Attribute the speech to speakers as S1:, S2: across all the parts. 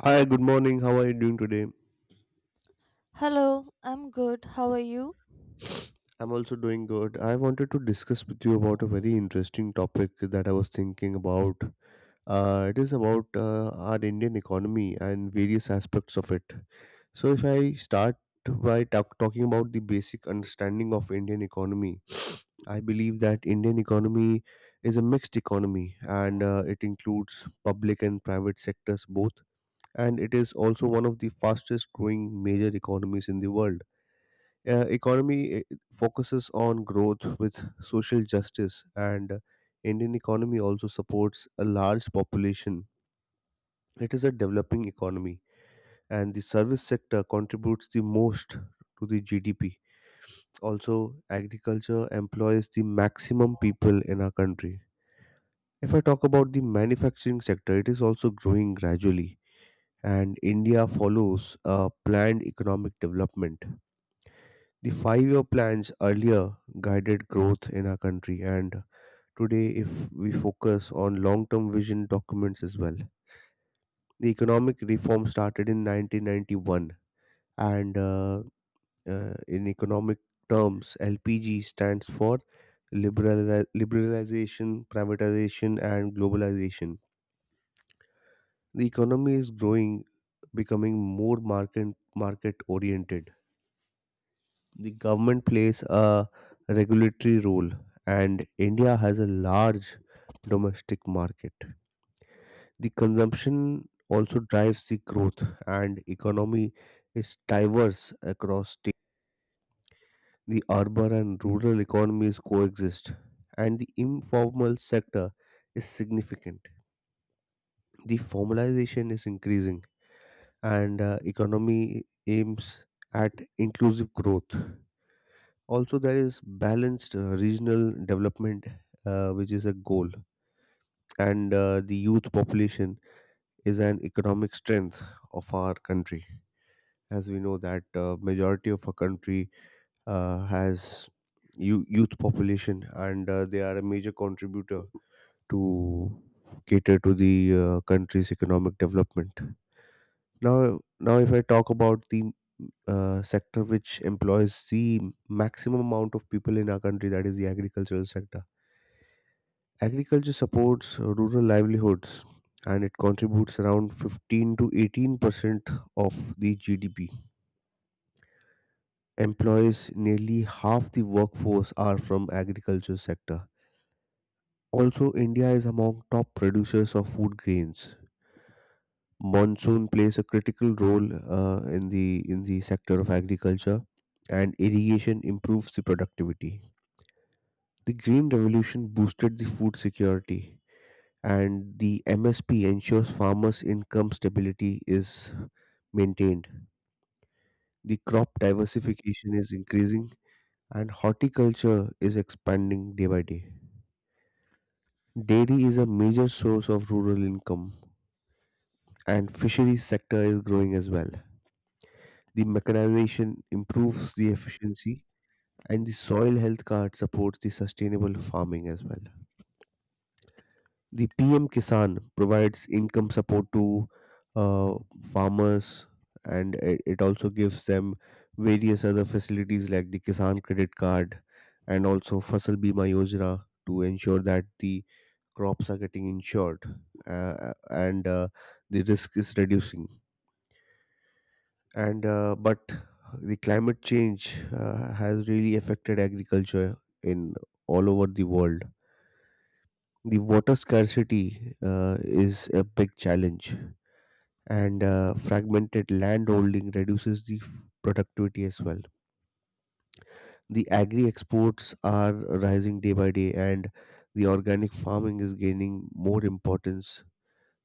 S1: Hi, good morning. How are you doing today?
S2: Hello, I'm good. How are you?
S1: I'm also doing good. I wanted to discuss with you about a very interesting topic that I was thinking about. It is about our Indian economy and various aspects of it. So, if I start by talking about the basic understanding of Indian economy, I believe that Indian economy is a mixed economy, and it includes public and private sectors both. And it is also one of the fastest growing major economies. In the world, economy focuses on growth with social justice, and Indian economy also supports a large population. It is a developing economy, and the service sector contributes the most to the GDP. Also, agriculture employs the maximum people in our country. If I talk about the manufacturing sector, it is also growing gradually, and India follows a planned economic development. The 5 year plans earlier guided growth in our country, and today, if we focus on long term vision documents as well, the economic reform started in 1991, and in economic terms, LPG stands for liberalization, privatization, and globalization. The economy is growing, becoming more market oriented. The government plays a regulatory role, and India has a large domestic market. The consumption also drives the growth, and economy is diverse across states. The urban and rural economies coexist, and the informal sector is significant. The formalization is increasing, and economy aims at inclusive growth. Also, there is balanced regional development, which is a goal, and the youth population is an economic strength of our country. As we know that majority of our country has youth population, and they are a major contributor to cater to the country's economic development. Now if I talk about the sector which employs the maximum amount of people in our country, that is the agricultural sector. Agriculture supports rural livelihoods, and it contributes around 15 to 18% of the GDP. Employs nearly half the workforce are from agriculture sector. Also, India is among top producers of food grains. Monsoon plays a critical role in the sector of agriculture, and irrigation improves the productivity. The green revolution boosted the food security, and the MSP ensures farmers' income stability is maintained. The crop diversification is increasing, and horticulture is expanding day by day. Dairy is a major source of rural income, and fisheries sector is growing as well. The mechanization improves the efficiency, and the soil health card supports the sustainable farming as well. The PM Kisan provides income support to uh, farmers, and it also gives them various other facilities like the Kisan credit card and also Fasal Bima Yojana to ensure that the crops are getting insured, and the risk is reducing. And uh, but the climate change has really affected agriculture in all over the world. The water scarcity is a big challenge, and fragmented landholding reduces the productivity as well. The agri exports are rising day by day, and the organic farming is gaining more importance.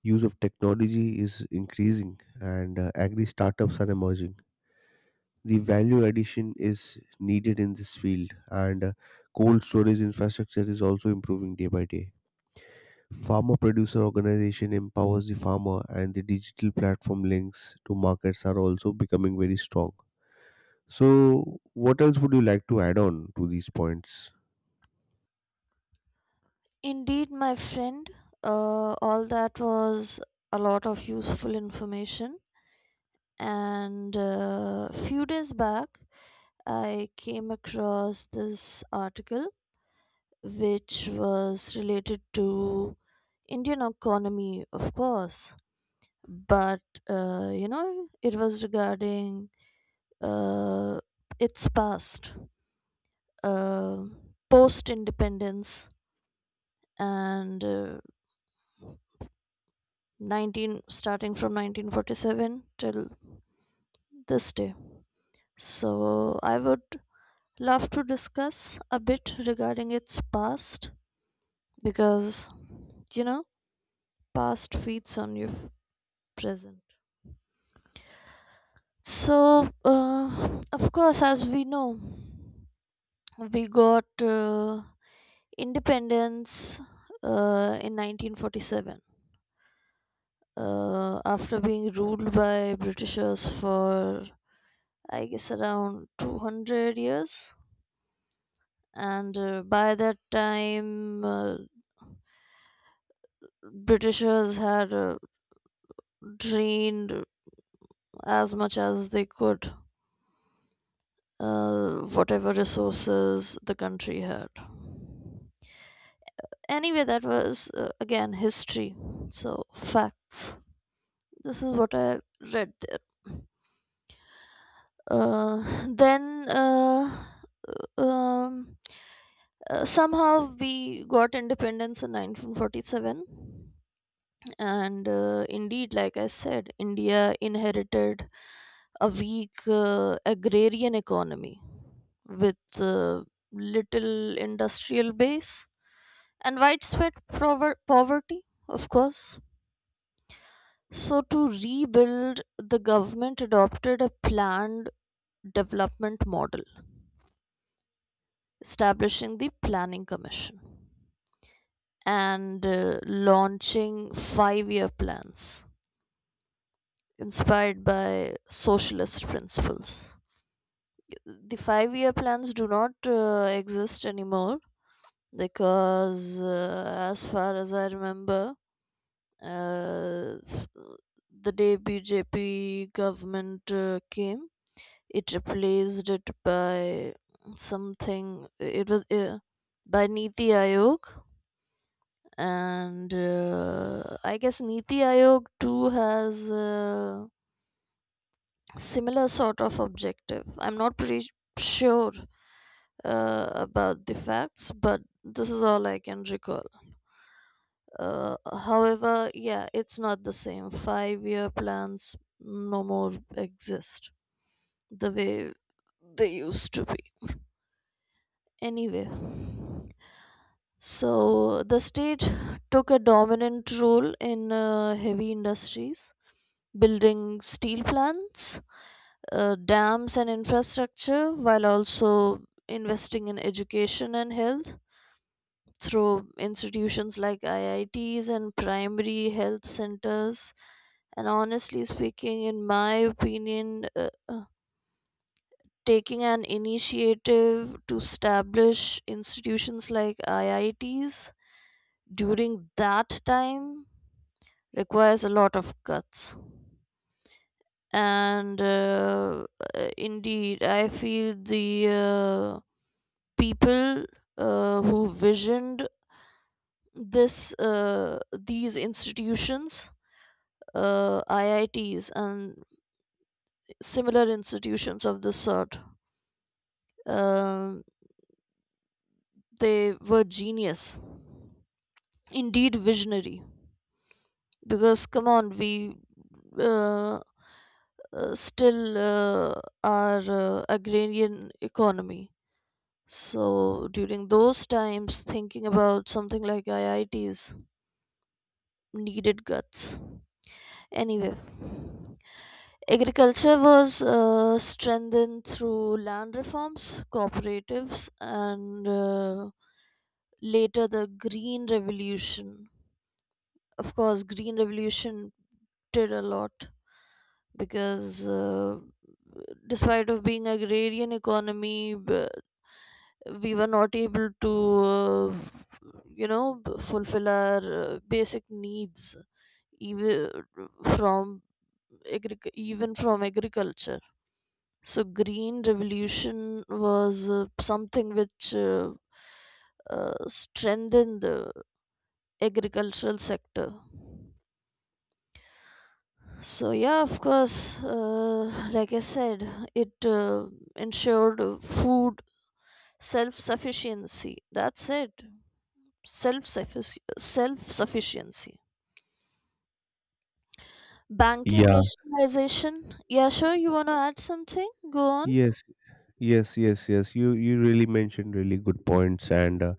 S1: Use of technology is increasing, and agri startups are emerging. The value addition is needed in this field, and cold storage infrastructure is also improving day by day. Farmer producer organization empowers the farmer, and the digital platform links to markets are also becoming very strong. So what else would you like to add on to these points?
S2: Indeed, my friend. All that was a lot of useful information. And few days back, I came across this article which was related to Indian economy, of course. But it was regarding uh, its past, uh, post-independence, and. 19 starting from 1947 till this day. So I would love to discuss a bit regarding its past, because you know past feeds on your present. So of course, as we know, we got uh, independence in 1947, after being ruled by Britishers for, I guess, around 200 years. And by that time, Britishers had drained as much as they could, whatever resources the country had. Anyway, that was, again, history. So facts, this is what I read there. Then um, somehow we got independence in 1947. And indeed, like I said, India inherited a weak agrarian economy with little industrial base and widespread poverty, of course. So, to rebuild, the government adopted a planned development model, establishing the Planning Commission and launching 5-year plans inspired by socialist principles. The 5-year plans do not exist anymore, because as far as I remember, uh, f- the day BJP government came, it replaced it by something. It was, by NITI Aayog. And I guess NITI Aayog too has similar sort of objective. I'm not pretty sure about the facts, but this is all I can recall. Uh, however, yeah, it's not the same. Five-year plans no more exist the way they used to be. Anyway, so the state took a dominant role in heavy industries, building steel plants, dams, and infrastructure, while also investing in education and health through institutions like IITs and primary health centers. And honestly speaking, in my opinion, taking an initiative to establish institutions like IITs during that time requires a lot of guts. And indeed, I feel the people who visioned this, these institutions, IITs and similar institutions of this sort. Um they were genius, indeed visionary. Because come on, we uh, still are agrarian economy. So during those times, thinking about something like IITs needed guts. Anyway, agriculture was strengthened through land reforms, cooperatives, and later the Green Revolution. Of course, Green Revolution did a lot, because despite of being agrarian economy, we were not able to uh, fulfill our basic needs, even from agriculture. So green revolution was something which strengthened the agricultural sector. So yeah, of course, like I said, it ensured food self sufficiency. That's it. Self sufficiency. Banking
S1: Yeah,
S2: nationalization. Yeah, sure, you want to add something, go on.
S1: yes, yes, yes, yes. You really mentioned really good points, and uh,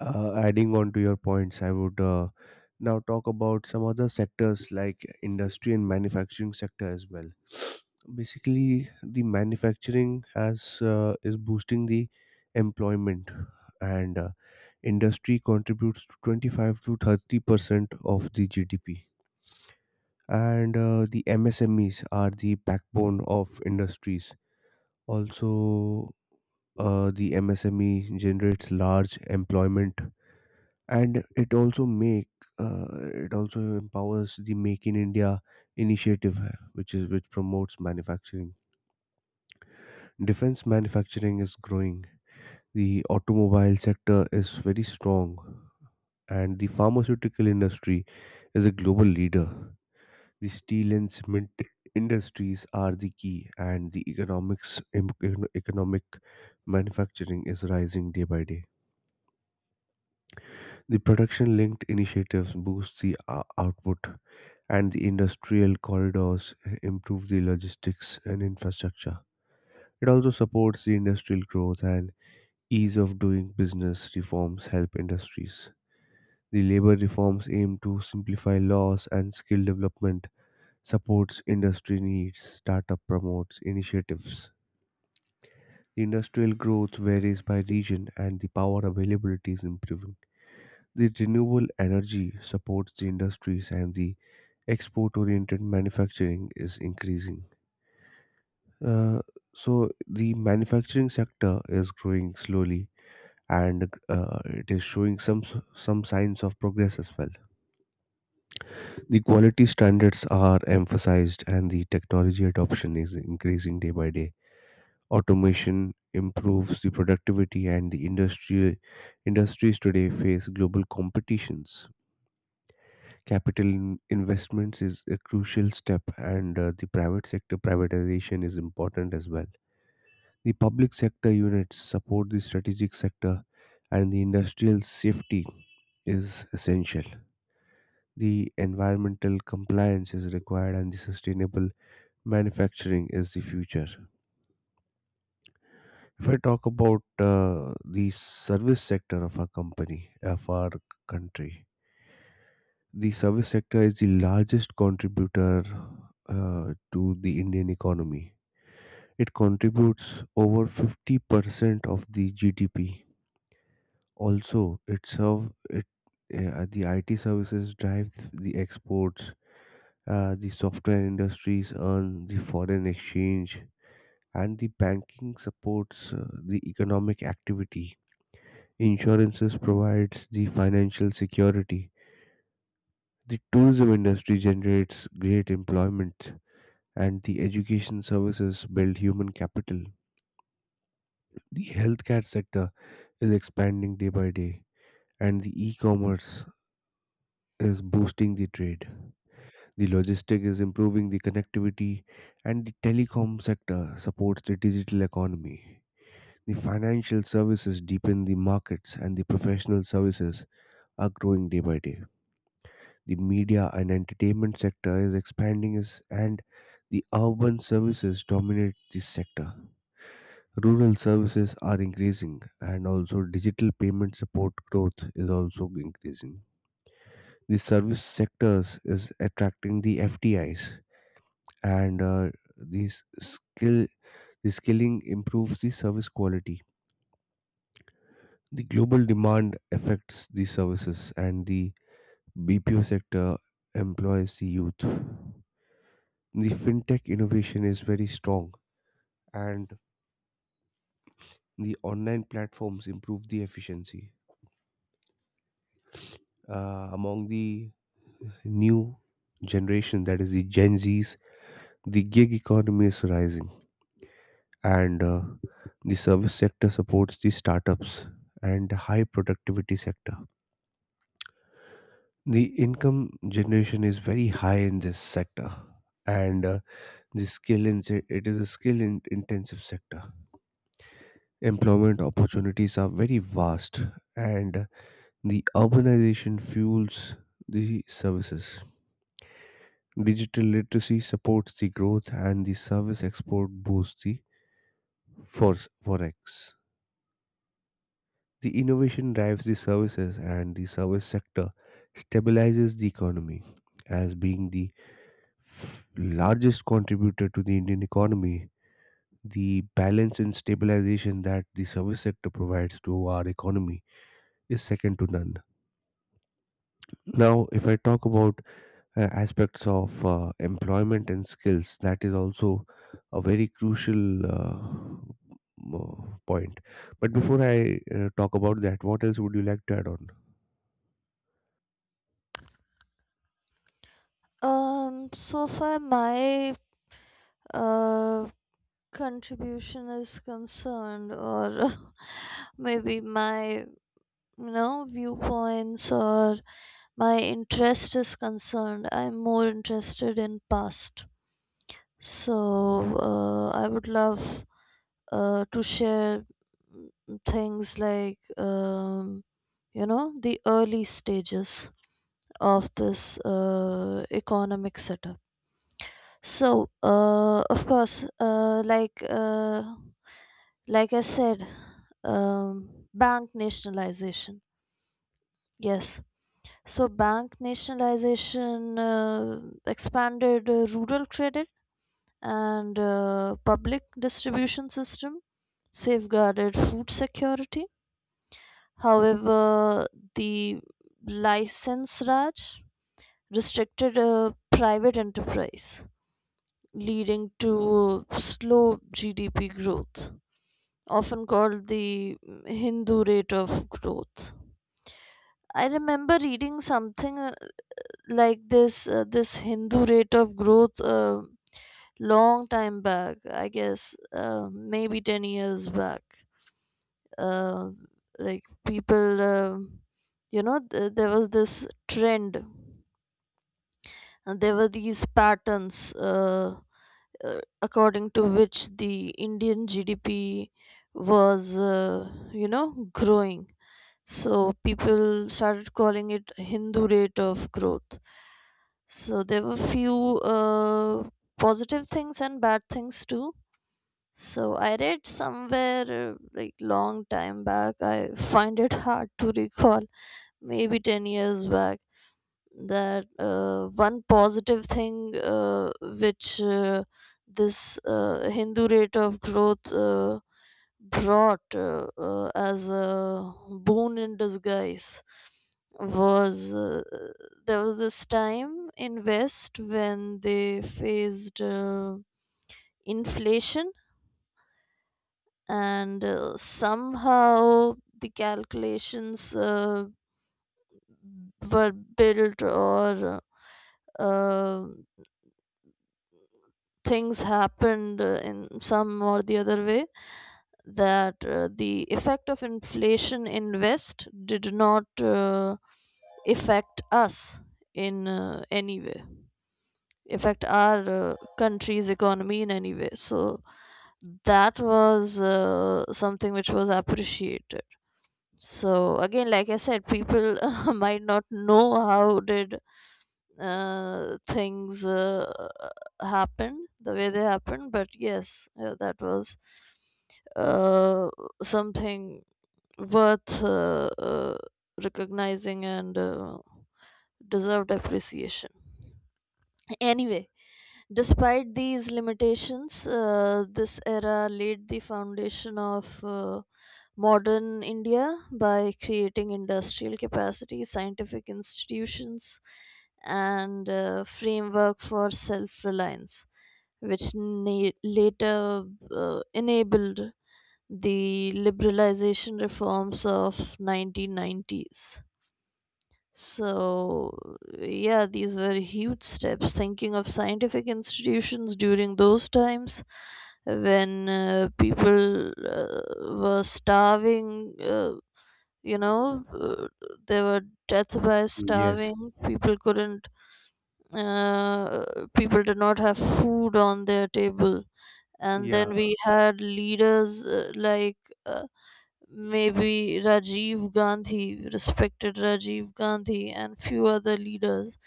S1: Uh, adding on to your points, I would now talk about some other sectors like industry and manufacturing sector as well. Basically, the manufacturing has is boosting the employment, and industry contributes to 25 to 30% of the GDP. And the MSMEs are the backbone of industries. Also, the MSME generates large employment, and it also make uh, it also empowers the make in India initiative, which promotes manufacturing. Defense manufacturing is growing. The automobile sector is very strong, and the pharmaceutical industry is a global leader. The steel and cement industries are the key, and the economic manufacturing is rising day by day. The production linked initiatives boost the output, and the industrial corridors improve the logistics and infrastructure. It also supports the industrial growth, and ease of doing business reforms help industries. The labor reforms aim to simplify laws and skill development, supports industry needs, startup promotes initiatives. The industrial growth varies by region, and the power availability is improving. The renewable energy supports the industries, and the export oriented manufacturing is increasing. Uh, so the manufacturing sector is growing slowly, and it is showing some signs of progress as well. The quality standards are emphasized, and the technology adoption is increasing day by day. Automation improves the productivity, and the industry industries today face global competitions. Capital investments is a crucial step, and the private sector privatization is important as well. The public sector units support the strategic sector, and the industrial safety is essential. The environmental compliance is required, and the sustainable manufacturing is the future. If I talk about the service sector of our company, of our country, the service sector is the largest contributor to the Indian economy. It contributes over 50% of the GDP. Also, it serve it the IT services drive the exports, the software industries earn the foreign exchange, and the banking supports the economic activity. Insurances provides the financial security. The tourism industry generates great employment, and the education services build human capital. The healthcare sector is expanding day by day, and the e-commerce is boosting the trade. The logistic is improving the connectivity, and the telecom sector supports the digital economy. The financial services deepen the markets, and the professional services are growing day by day. The media and entertainment sector is expanding, and the urban services dominate this sector. Rural services are increasing, and also digital payment support growth is also increasing. The service sectors is attracting the FDIs, and these skill the skilling improves the service quality. The global demand affects the services, and the BPO sector employs the youth. The fintech innovation is very strong, and the online platforms improve the efficiency among the new generation, that is the gen Z's. The gig economy is rising, and the service sector supports the startups and high productivity sector. The income generation is very high in this sector, and the skill in it is a skill in intensive sector. Employment opportunities are very vast, and the urbanization fuels the services. Digital literacy supports the growth, and the service export boosts the force forex. The innovation drives the services, and the service sector stabilizes the economy, as being the largest contributor to the Indian economy. The balance and stabilization that the service sector provides to our economy is second to none. Now, if I talk about aspects of employment and skills, that is also a very crucial uh, point. But before I talk about that, what else would you like to add on?
S2: So far my uh, contribution is concerned, or maybe my viewpoints, or my interest is concerned, I'm more interested in past. So I would love to share, things like the early stages of this economic setup. So, of course, like I said, bank nationalization. Yes. So, bank nationalization expanded rural credit and public distribution system, safeguarded food security. However, the license raj restricted private enterprise, leading to slow GDP growth, often called the Hindu rate of growth. I remember reading something like this Hindu rate of growth long time back, I guess maybe 10 years back. Uh, like people, there was this trend, and there were these patterns. According to which the Indian GDP was, growing. So people started calling it Hindu rate of growth. So there were few positive things and bad things too. So I read somewhere like long time back. I find it hard to recall. Maybe 10 years back, that one positive thing which this Hindu rate of growth brought, as a boon in disguise, was there was this time in West when they faced inflation. And somehow the calculations were built, or uh, things happened in some or the other way that the effect of inflation in West did not affect us in any way, affect our country's economy in any way. So that was something which was appreciated. So again, like I said, people might not know how did things happened the way they happened, but yes, that was uh, something worth recognizing and deserved appreciation. Anyway, despite these limitations, this era laid the foundation of modern India by creating industrial capacity, scientific institutions, and framework for self-reliance, which later enabled the liberalization reforms of 1990s. So, yeah, these were huge steps. Thinking of scientific institutions during those times, when people were starving, you know uh, there were deaths by
S1: Yes.
S2: starving. Uh, people did not have food on their table. And
S1: Yeah.
S2: then we had leaders maybe Rajiv Gandhi, respected Rajiv Gandhi, and few other leaders,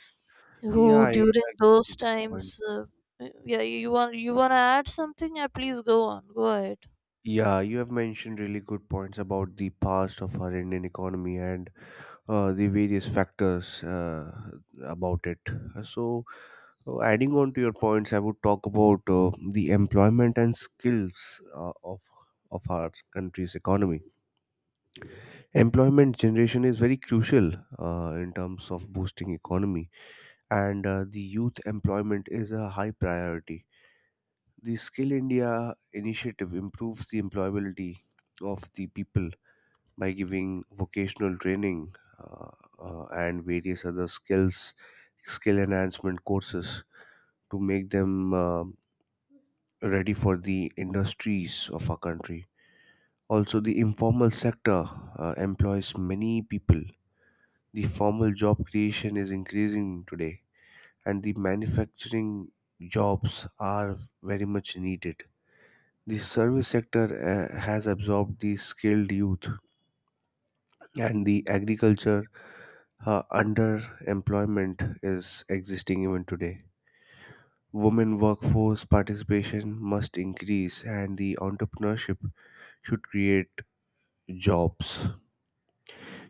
S1: Yeah,
S2: who
S1: I agree
S2: during those
S1: with your
S2: times,
S1: point.
S2: yeah, you want to add something, yeah, please go on, go ahead.
S1: Yeah, you have mentioned really good points about the past of our Indian economy and the various factors about it. So, adding on to your points, I would talk about the employment and skills of our country's economy. Employment generation is very crucial in terms of boosting economy, and the youth employment is a high priority. The Skill India initiative improves the employability of the people by giving vocational training, and various other skill enhancement courses to make them ready for the industries of our country. Also, the informal sector employs many people. The formal job creation is increasing today, and the manufacturing jobs are very much needed. The service sector has absorbed the skilled youth, and the agriculture underemployment is existing even today. Women workforce participation must increase, and the entrepreneurship should create jobs.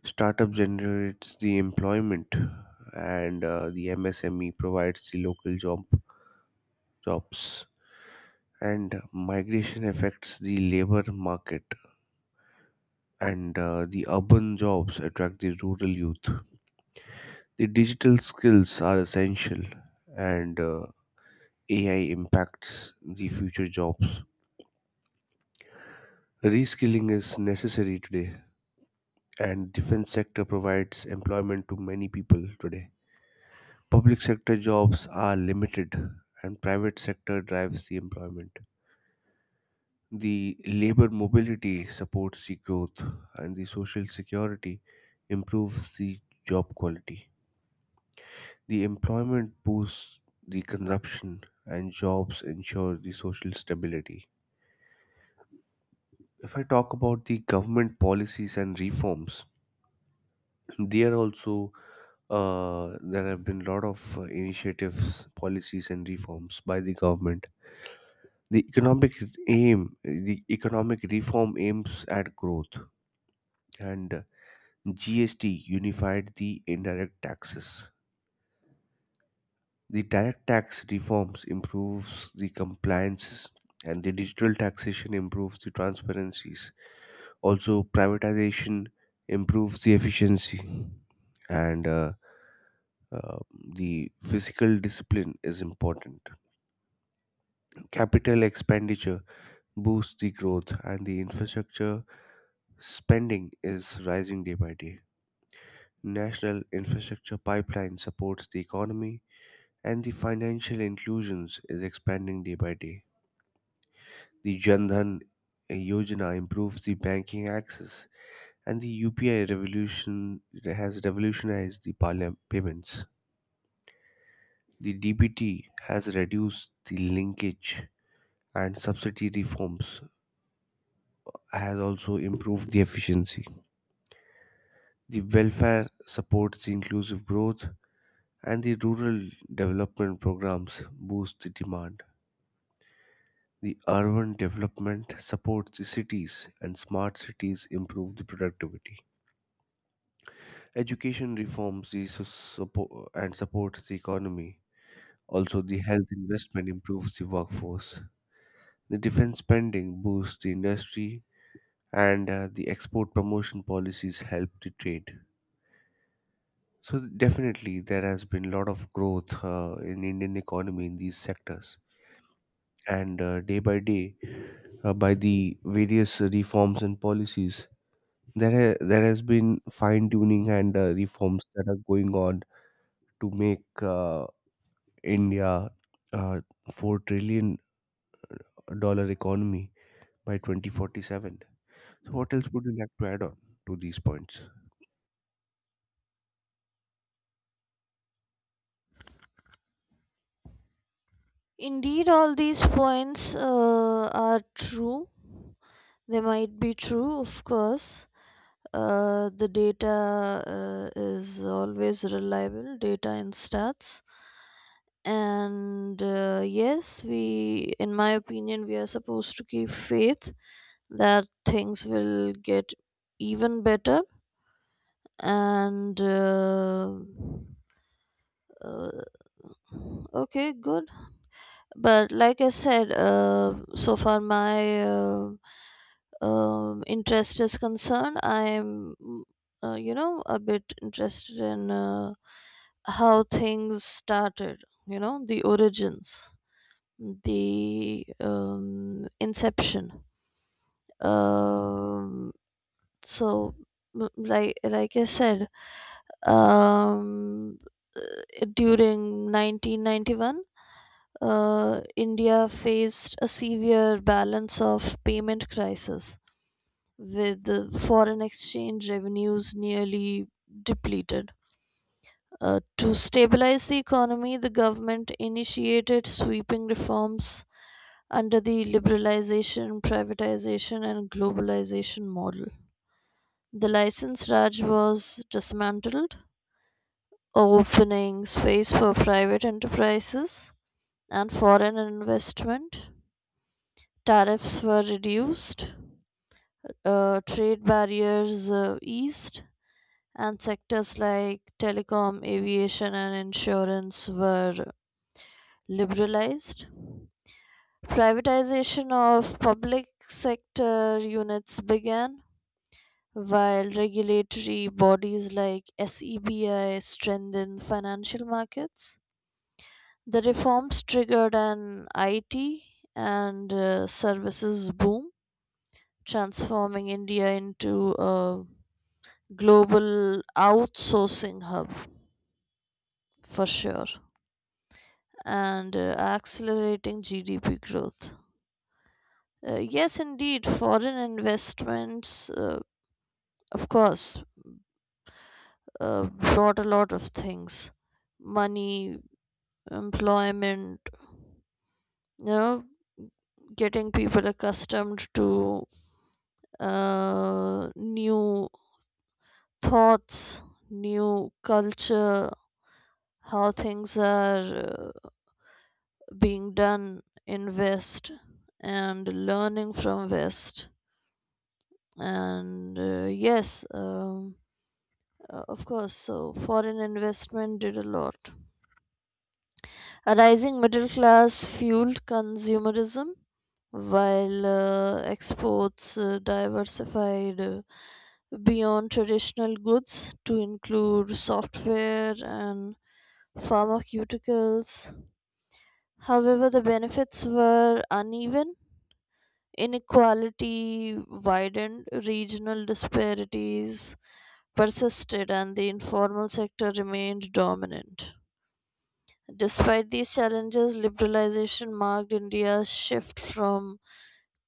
S1: Startup generates the employment, and the MSME provides the local jobs. And migration affects the labor market, and the urban jobs attract the rural youth. The digital skills are essential, and AI impacts the future jobs. Reskilling is necessary today, and defense sector provides employment to many people today. Public sector jobs are limited, and private sector drives the employment. The labor mobility supports the growth, and the social security improves the job quality. The employment boosts the consumption, and jobs ensure the social stability. If I talk about the government policies and reforms, there also there have been a lot of initiatives, policies, and reforms by the government. The economic the economic reform aims at growth, and GST unified the indirect taxes. The direct tax reforms improves the compliances, and the digital taxation improves the transparencies. Also, privatization improves the efficiency, and uh, the physical discipline is important. Capital expenditure boosts the growth, and the infrastructure spending is rising day by day. National infrastructure pipeline supports the economy, and the financial inclusions is expanding day by day. The Jan Dhan Yojana improves the banking access, and the UPI revolution has revolutionized the payments. The DBT has reduced the linkage, and subsidy reforms has also improved the efficiency. The welfare supports the inclusive growth, and the rural development programs boost the demand. The urban development supports the cities, and smart cities improve the productivity. Education reforms and supports the economy. Also, the health investment improves the workforce. The defense spending boosts the industry, and the export promotion policies help the trade. So definitely, there has been a lot of growth in Indian economy in these sectors, and day by day, by the various reforms and policies, there has been fine tuning and reforms that are going on to make India a $4 trillion economy by 2047. So, what else would you like to add on to these points?
S2: Indeed, all these points are true. They might be true, of course. The data is always reliable, data and stats. And yes, we, in my opinion, we are supposed to keep faith that things will get even better. And uh, okay, good. But like I said, so far my interest is concerned, I'm a bit interested in how things started, the origins, the inception. um, so, like I said, um, during 1991, India faced a severe balance of payment crisis with the foreign exchange revenues nearly depleted. To stabilize the economy, the government initiated sweeping reforms under the liberalization, privatization, and globalization model. The license Raj was dismantled, opening space for private enterprises and foreign investment. Tariffs were reduced, trade barriers eased, and sectors like telecom, aviation, and insurance were liberalized. Privatization of public sector units began, while regulatory bodies like SEBI strengthened financial markets. The reforms triggered an IT and services boom, transforming India into a global outsourcing hub for sure, and accelerating GDP growth. Yes, indeed, foreign investments, of course, uh, brought a lot of things: money, employment, you know, getting people accustomed to new thoughts, new culture, how things are Uh, being done in West, and learning from West. And yes, of course, so foreign investment did a lot. A rising middle class fueled consumerism, while exports diversified beyond traditional goods to include software and pharmaceuticals. However, the benefits were uneven. Inequality widened, regional disparities persisted, and the informal sector remained dominant. Despite these challenges, liberalization marked India's shift from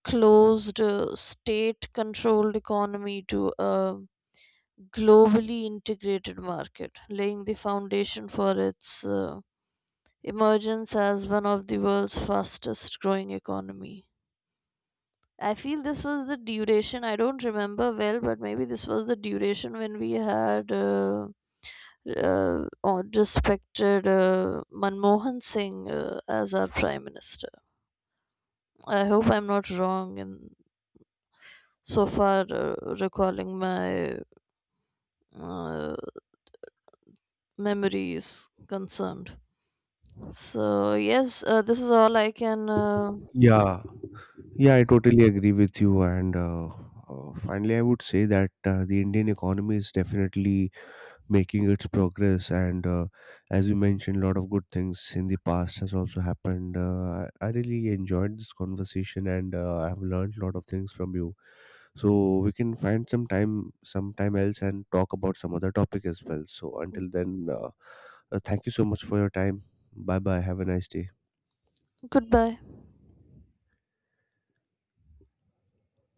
S2: closed state controlled economy to a globally integrated market, laying the foundation for its emergence as one of the world's fastest growing economy. I feel this was the duration. I don't remember well, but maybe this was the duration when we had or respected Manmohan Singh as our prime minister. I hope I'm not wrong in so far recalling my uh, memories concerned. So yes, this is all I can.
S1: Yeah, yeah, I totally agree with you. And finally, I would say that the Indian economy is definitely making its progress, and as you mentioned, a lot of good things in the past has also happened. I really enjoyed this conversation, and I have learned a lot of things from you. So we can find some time sometime else and talk about some other topic as well. So until then, thank you so much for your time. Bye bye, have a nice day.
S2: Goodbye.